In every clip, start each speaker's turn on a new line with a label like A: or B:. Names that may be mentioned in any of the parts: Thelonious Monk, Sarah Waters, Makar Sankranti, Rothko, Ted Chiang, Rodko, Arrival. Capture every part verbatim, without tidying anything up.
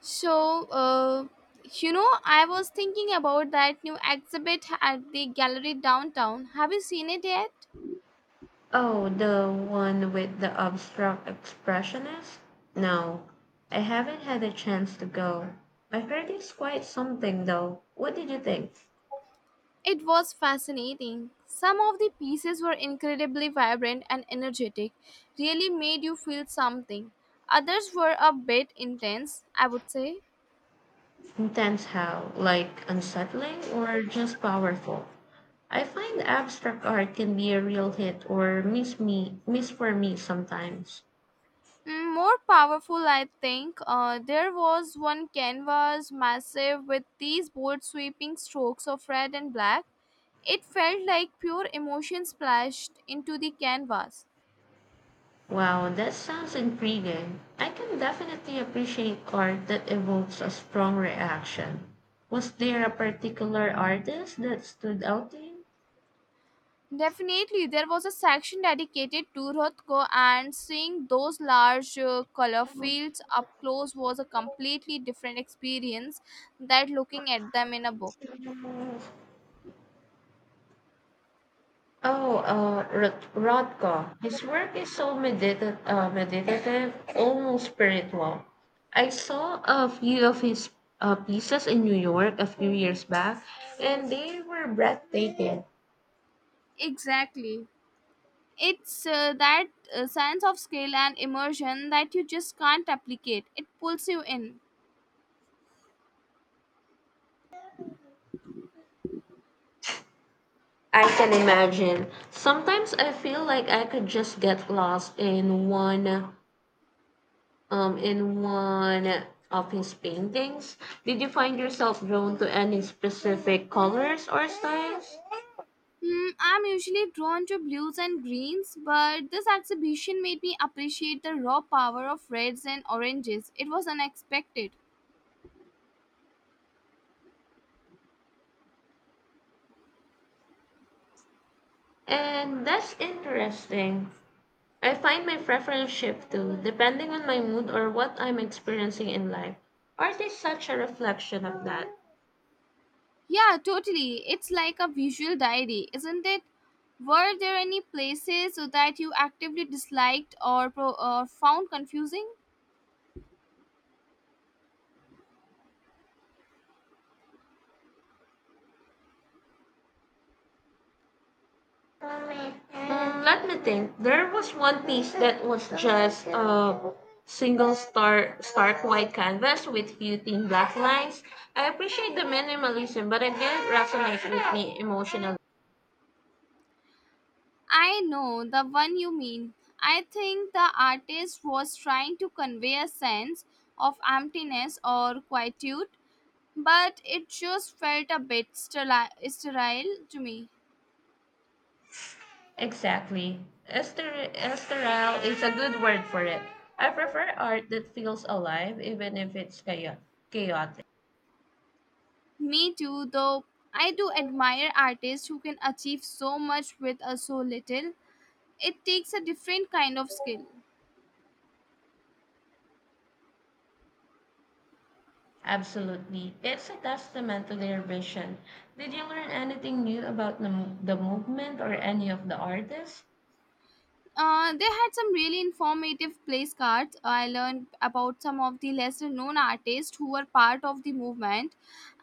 A: So, uh, you know, I was thinking about that new exhibit at the gallery downtown. Have you seen it yet?
B: Oh, the one with the abstract expressionist? No, I haven't had a chance to go. I heard it's quite something, though. What did you think?
A: It was fascinating. Some of the pieces were incredibly vibrant and energetic, really made you feel something. Others were a bit intense, I would say.
B: Intense how? Like unsettling or just powerful? I find abstract art can be a real hit or miss me miss for me sometimes.
A: Mm, more powerful, I think. Uh, there was one canvas massive with these bold sweeping strokes of red and black. It felt like pure emotion splashed into the canvas.
B: Wow, that sounds intriguing. I can definitely appreciate art that evokes a strong reaction. Was there a particular artist that stood out to you?
A: Definitely, there was a section dedicated to Rothko, and seeing those large uh, color fields up close was a completely different experience than looking at them in a book.
B: Oh, uh, Rod- Rodko. His work is so medita- uh, meditative, almost spiritual. I saw a few of his uh, pieces in New York a few years back, and they were breathtaking.
A: Exactly. It's uh, that uh, sense of scale and immersion that you just can't replicate. It pulls you in.
B: I can imagine. Sometimes I feel like I could just get lost in one um, in one of his paintings. Did you find yourself drawn to any specific colors or styles?
A: Hmm, I'm usually drawn to blues and greens, but this exhibition made me appreciate the raw power of reds and oranges. It was unexpected.
B: And that's interesting. I find my preference shift too, depending on my mood or what I'm experiencing in life. Art is such a reflection of that.
A: Yeah, totally. It's like a visual diary, isn't it? Were there any places that you actively disliked or pro- or found confusing?
B: Mm, let me think. There was one piece that was just a single star stark white canvas with few thin black lines. I appreciate the minimalism, but it didn't resonate with me emotionally.
A: I know the one you mean. I think the artist was trying to convey a sense of emptiness or quietude, but it just felt a bit sterile, sterile to me.
B: Exactly. Ester- Esteril is a good word for it. I prefer art that feels alive, even if it's chao- chaotic.
A: Me too, though I do admire artists who can achieve so much with uh, so little. It takes a different kind of skill.
B: Absolutely. It's a testament to their vision. Did you learn anything new about the, mo- the movement or any of the artists?
A: Uh, they had some really informative place cards. I learned about some of the lesser known artists who were part of the movement,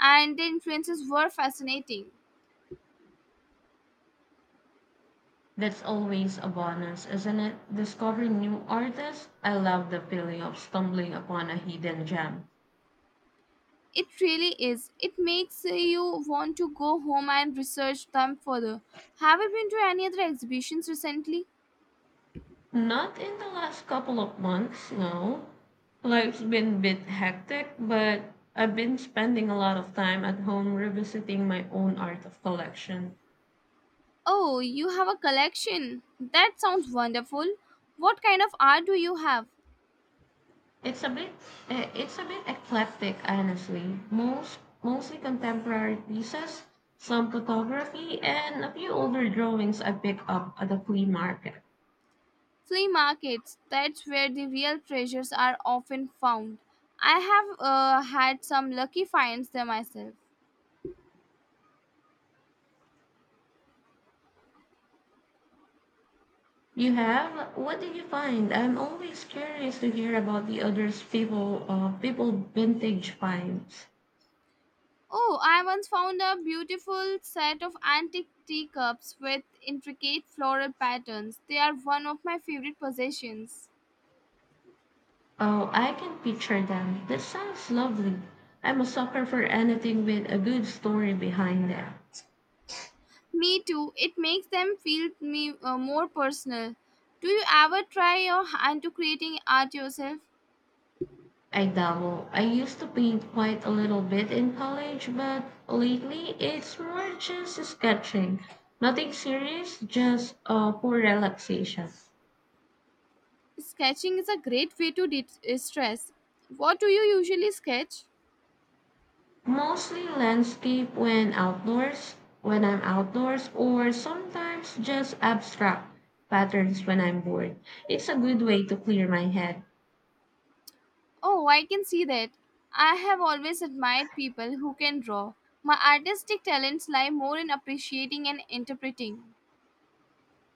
A: and their influences were fascinating.
B: That's always a bonus, isn't it? Discovering new artists. I love the feeling of stumbling upon a hidden gem.
A: It really is. It makes uh, you want to go home and research them further. Have you been to any other exhibitions recently?
B: Not in the last couple of months, no. Life's been a bit hectic, but I've been spending a lot of time at home revisiting my own art of collection.
A: Oh, you have a collection. That sounds wonderful. What kind of art do you have?
B: It's a bit eh, it's a bit eclectic, honestly. Most mostly contemporary pieces, some photography, and a few older drawings I picked up at the flea market.
A: Flea markets. That's where the real treasures are often found. I have uh, had some lucky finds there myself.
B: You have? What did you find? I'm always curious to hear about the others people uh, people vintage finds.
A: Oh, I once found a beautiful set of antique teacups with intricate floral patterns. They are one of my favorite possessions.
B: Oh, I can picture them. This sounds lovely. I'm a sucker for anything with a good story behind it.
A: Me too. It makes them feel me uh, more personal. Do you ever try your hand to creating art yourself?
B: I dabble. I used to paint quite a little bit in college, but lately it's more just sketching. Nothing serious, just uh, for relaxation.
A: Sketching is a great way to de- uh, stress. What do you usually sketch?
B: Mostly landscape when outdoors, When I'm outdoors, or sometimes just abstract patterns when I'm bored. It's a good way to clear my head.
A: Oh, I can see that. I have always admired people who can draw. My artistic talents lie more in appreciating and interpreting.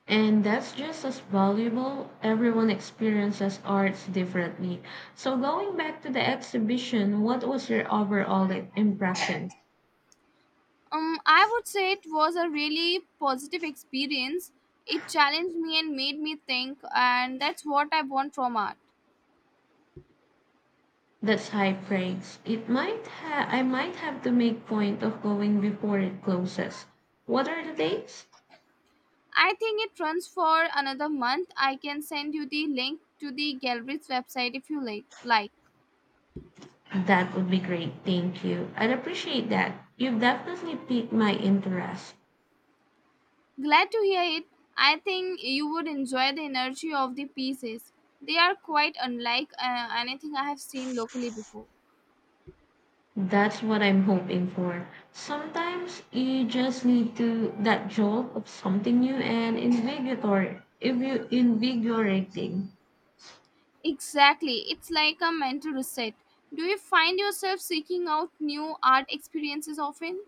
B: And that's just as valuable. Everyone experiences arts differently. So, going back to the exhibition, what was your overall i- impression?
A: Um, I would say it was a really positive experience. It challenged me and made me think, and that's what I want from art.
B: That's high praise. It might ha- I might have to make point of going before it closes. What are the dates?
A: I think it runs for another month. I can send you the link to the gallery's website if you like. like.
B: That would be great. Thank you. I'd appreciate that. You've definitely piqued my interest.
A: Glad to hear it. I think you would enjoy the energy of the pieces. They are quite unlike uh, anything I have seen locally before.
B: That's what I'm hoping for. Sometimes you just need to that jolt of something new and invigorator. If you invigorating,
A: Exactly. It's like a mental reset. Do you find yourself seeking out new art experiences often?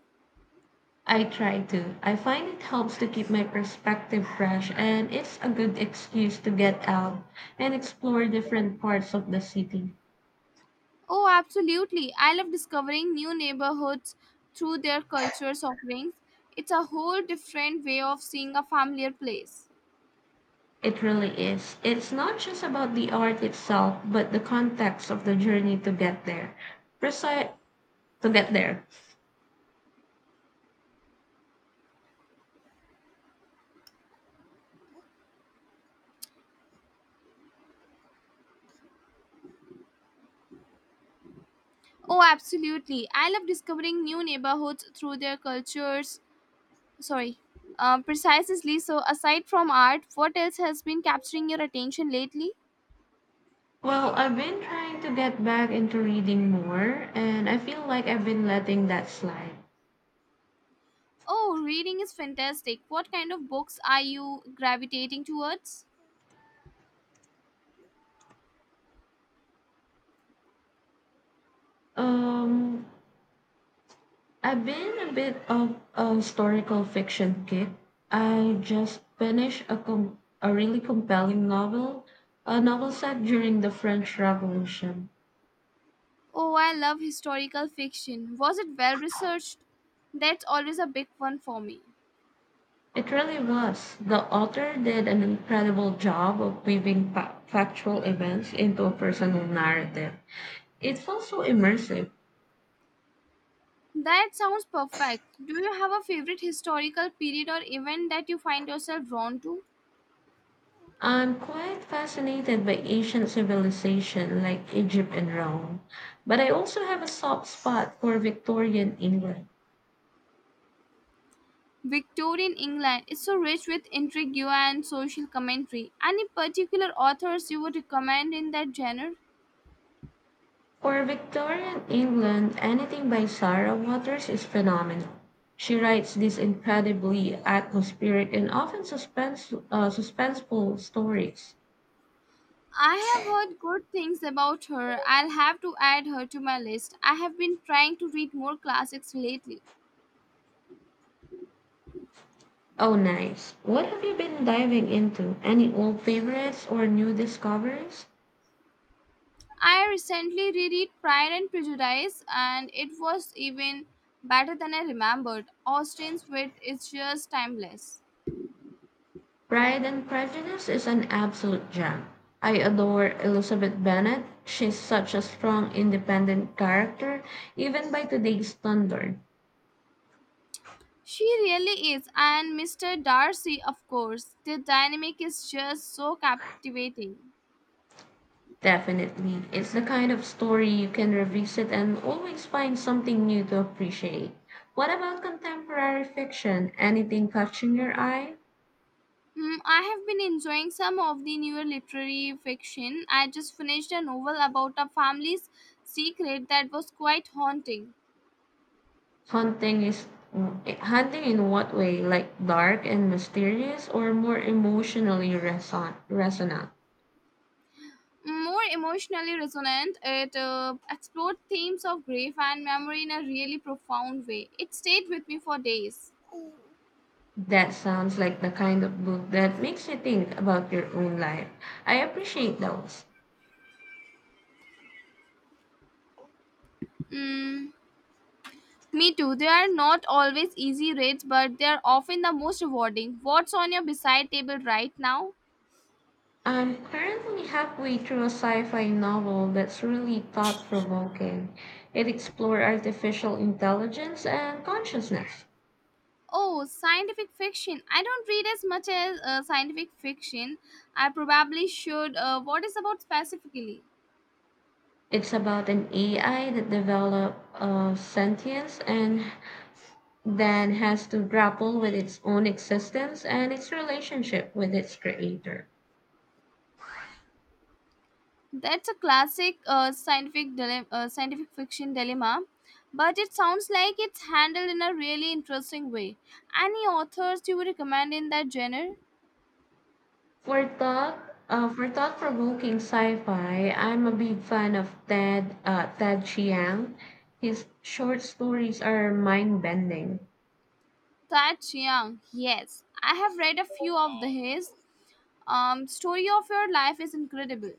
B: I try to. I find it helps to keep my perspective fresh, and it's a good excuse to get out and explore different parts of the city.
A: Oh, absolutely. I love discovering new neighborhoods through their cultures offerings. It's a whole different way of seeing a familiar place.
B: It really is. It's not just about the art itself, but the context of the journey to get there. Precise To get there.
A: Oh, absolutely. I love discovering new neighborhoods through their cultures. Sorry. Um, precisely. So, aside from art, what else has been capturing your attention lately?
B: Well, I've been trying to get back into reading more, and I feel like I've been letting that slide.
A: Oh, reading is fantastic. What kind of books are you gravitating towards?
B: Um, I've been a bit of a historical fiction kick. I just finished a com- a really compelling novel, a novel set during the French Revolution.
A: Oh, I love historical fiction. Was it well researched? That's always a big one for me.
B: It really was. The author did an incredible job of weaving fa- factual events into a personal narrative. It felt so immersive.
A: That sounds perfect. Do you have a favorite historical period or event that you find yourself drawn to?
B: I'm quite fascinated by ancient civilization like Egypt and Rome, but I also have a soft spot for Victorian England.
A: Victorian England is so rich with intrigue and social commentary. Any particular authors you would recommend in that genre?
B: For Victorian England, anything by Sarah Waters is phenomenal. She writes these incredibly atmospheric and often suspense, uh, suspenseful stories.
A: I have heard good things about her. I'll have to add her to my list. I have been trying to read more classics lately.
B: Oh, nice. What have you been diving into? Any old favorites or new discoveries?
A: I recently reread Pride and Prejudice, and it was even better than I remembered. Austen's wit is just timeless.
B: Pride and Prejudice is an absolute gem. I adore Elizabeth Bennet. She's such a strong, independent character, even by today's standard.
A: She really is, and mister Darcy, of course. The dynamic is just so captivating.
B: Definitely. It's the kind of story you can revisit and always find something new to appreciate. What about contemporary fiction? Anything catching your eye?
A: Hmm, I have been enjoying some of the newer literary fiction. I just finished a novel about a family's secret that was quite haunting.
B: Haunting is Haunting in what way? Like dark and mysterious or more emotionally reson- resonant?
A: More emotionally resonant, it uh, explored themes of grief and memory in a really profound way. It stayed with me for days.
B: That sounds like the kind of book that makes you think about your own life. I appreciate those.
A: Hmm. Me too. They are not always easy rates, but they are often the most rewarding. What's on your beside table right now?
B: I'm currently halfway through a sci-fi novel that's really thought-provoking. It explores artificial intelligence and consciousness.
A: Oh, scientific fiction. I don't read as much as uh, scientific fiction. I probably should. Uh, what is about specifically?
B: It's about an A I that develops uh, sentience and then has to grapple with its own existence and its relationship with its creator.
A: That's a classic uh, scientific dile- uh, scientific fiction dilemma, but it sounds like it's handled in a really interesting way. Any authors you would recommend in that genre?
B: For thought, uh, for thought-provoking sci-fi, I'm a big fan of Ted uh, Ted Chiang. His short stories are mind-bending.
A: That Chiang, yes. I have read a few of the his. Um, story of your life is incredible.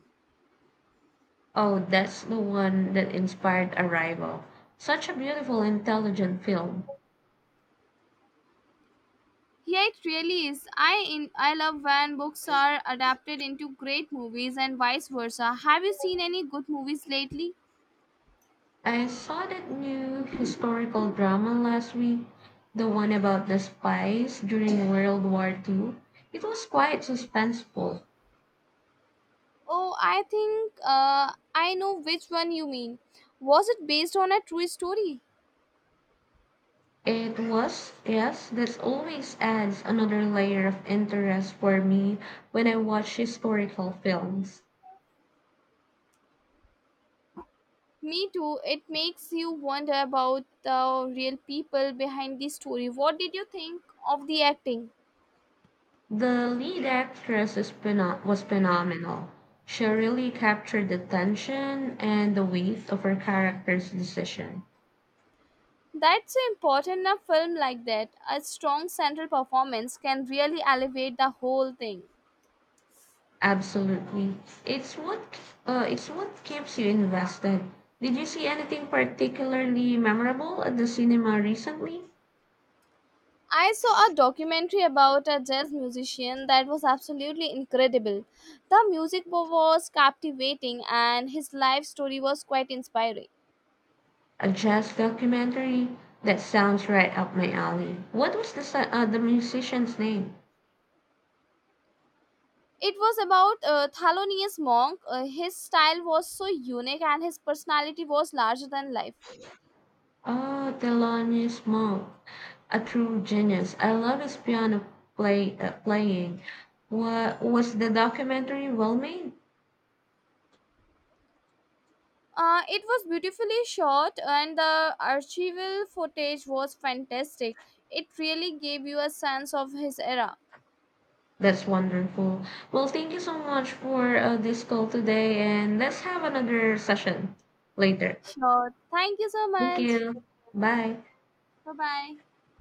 B: Oh, that's the one that inspired Arrival. Such a beautiful, intelligent film.
A: Yeah, it really is. I in, I love when books are adapted into great movies and vice versa. Have you seen any good movies lately?
B: I saw that new historical drama last week, the one about the spies during World War two. It was quite suspenseful.
A: Oh, I think uh, I know which one you mean. Was it based on a true story?
B: It was, yes, that always adds another layer of interest for me when I watch historical films.
A: Me too. It makes you wonder about the real people behind the story. What did you think of the acting?
B: The lead actress is pheno- was phenomenal. She really captured the tension and the weight of her character's decision.
A: That's important in a film like that. A strong central performance can really elevate the whole thing.
B: Absolutely. It's what uh, it's what keeps you invested. Did you see anything particularly memorable at the cinema recently?
A: I saw a documentary about a jazz musician that was absolutely incredible. The music was captivating and his life story was quite inspiring.
B: A jazz documentary that sounds right up my alley. What was the si- uh, the musician's name?
A: It was about a Thelonious Monk. Uh, his style was so unique and his personality was larger than life.
B: Oh, Thelonious Monk, a true genius. I love his piano play uh, playing. What was the documentary well made?
A: Uh, it was beautifully shot, and the archival footage was fantastic. It really gave you a sense of his era.
B: That's wonderful. Well, thank you so much for uh, this call today, and let's have another session later.
A: Sure. Thank you so
B: Thank
A: much.
B: you. Bye.
A: Bye bye.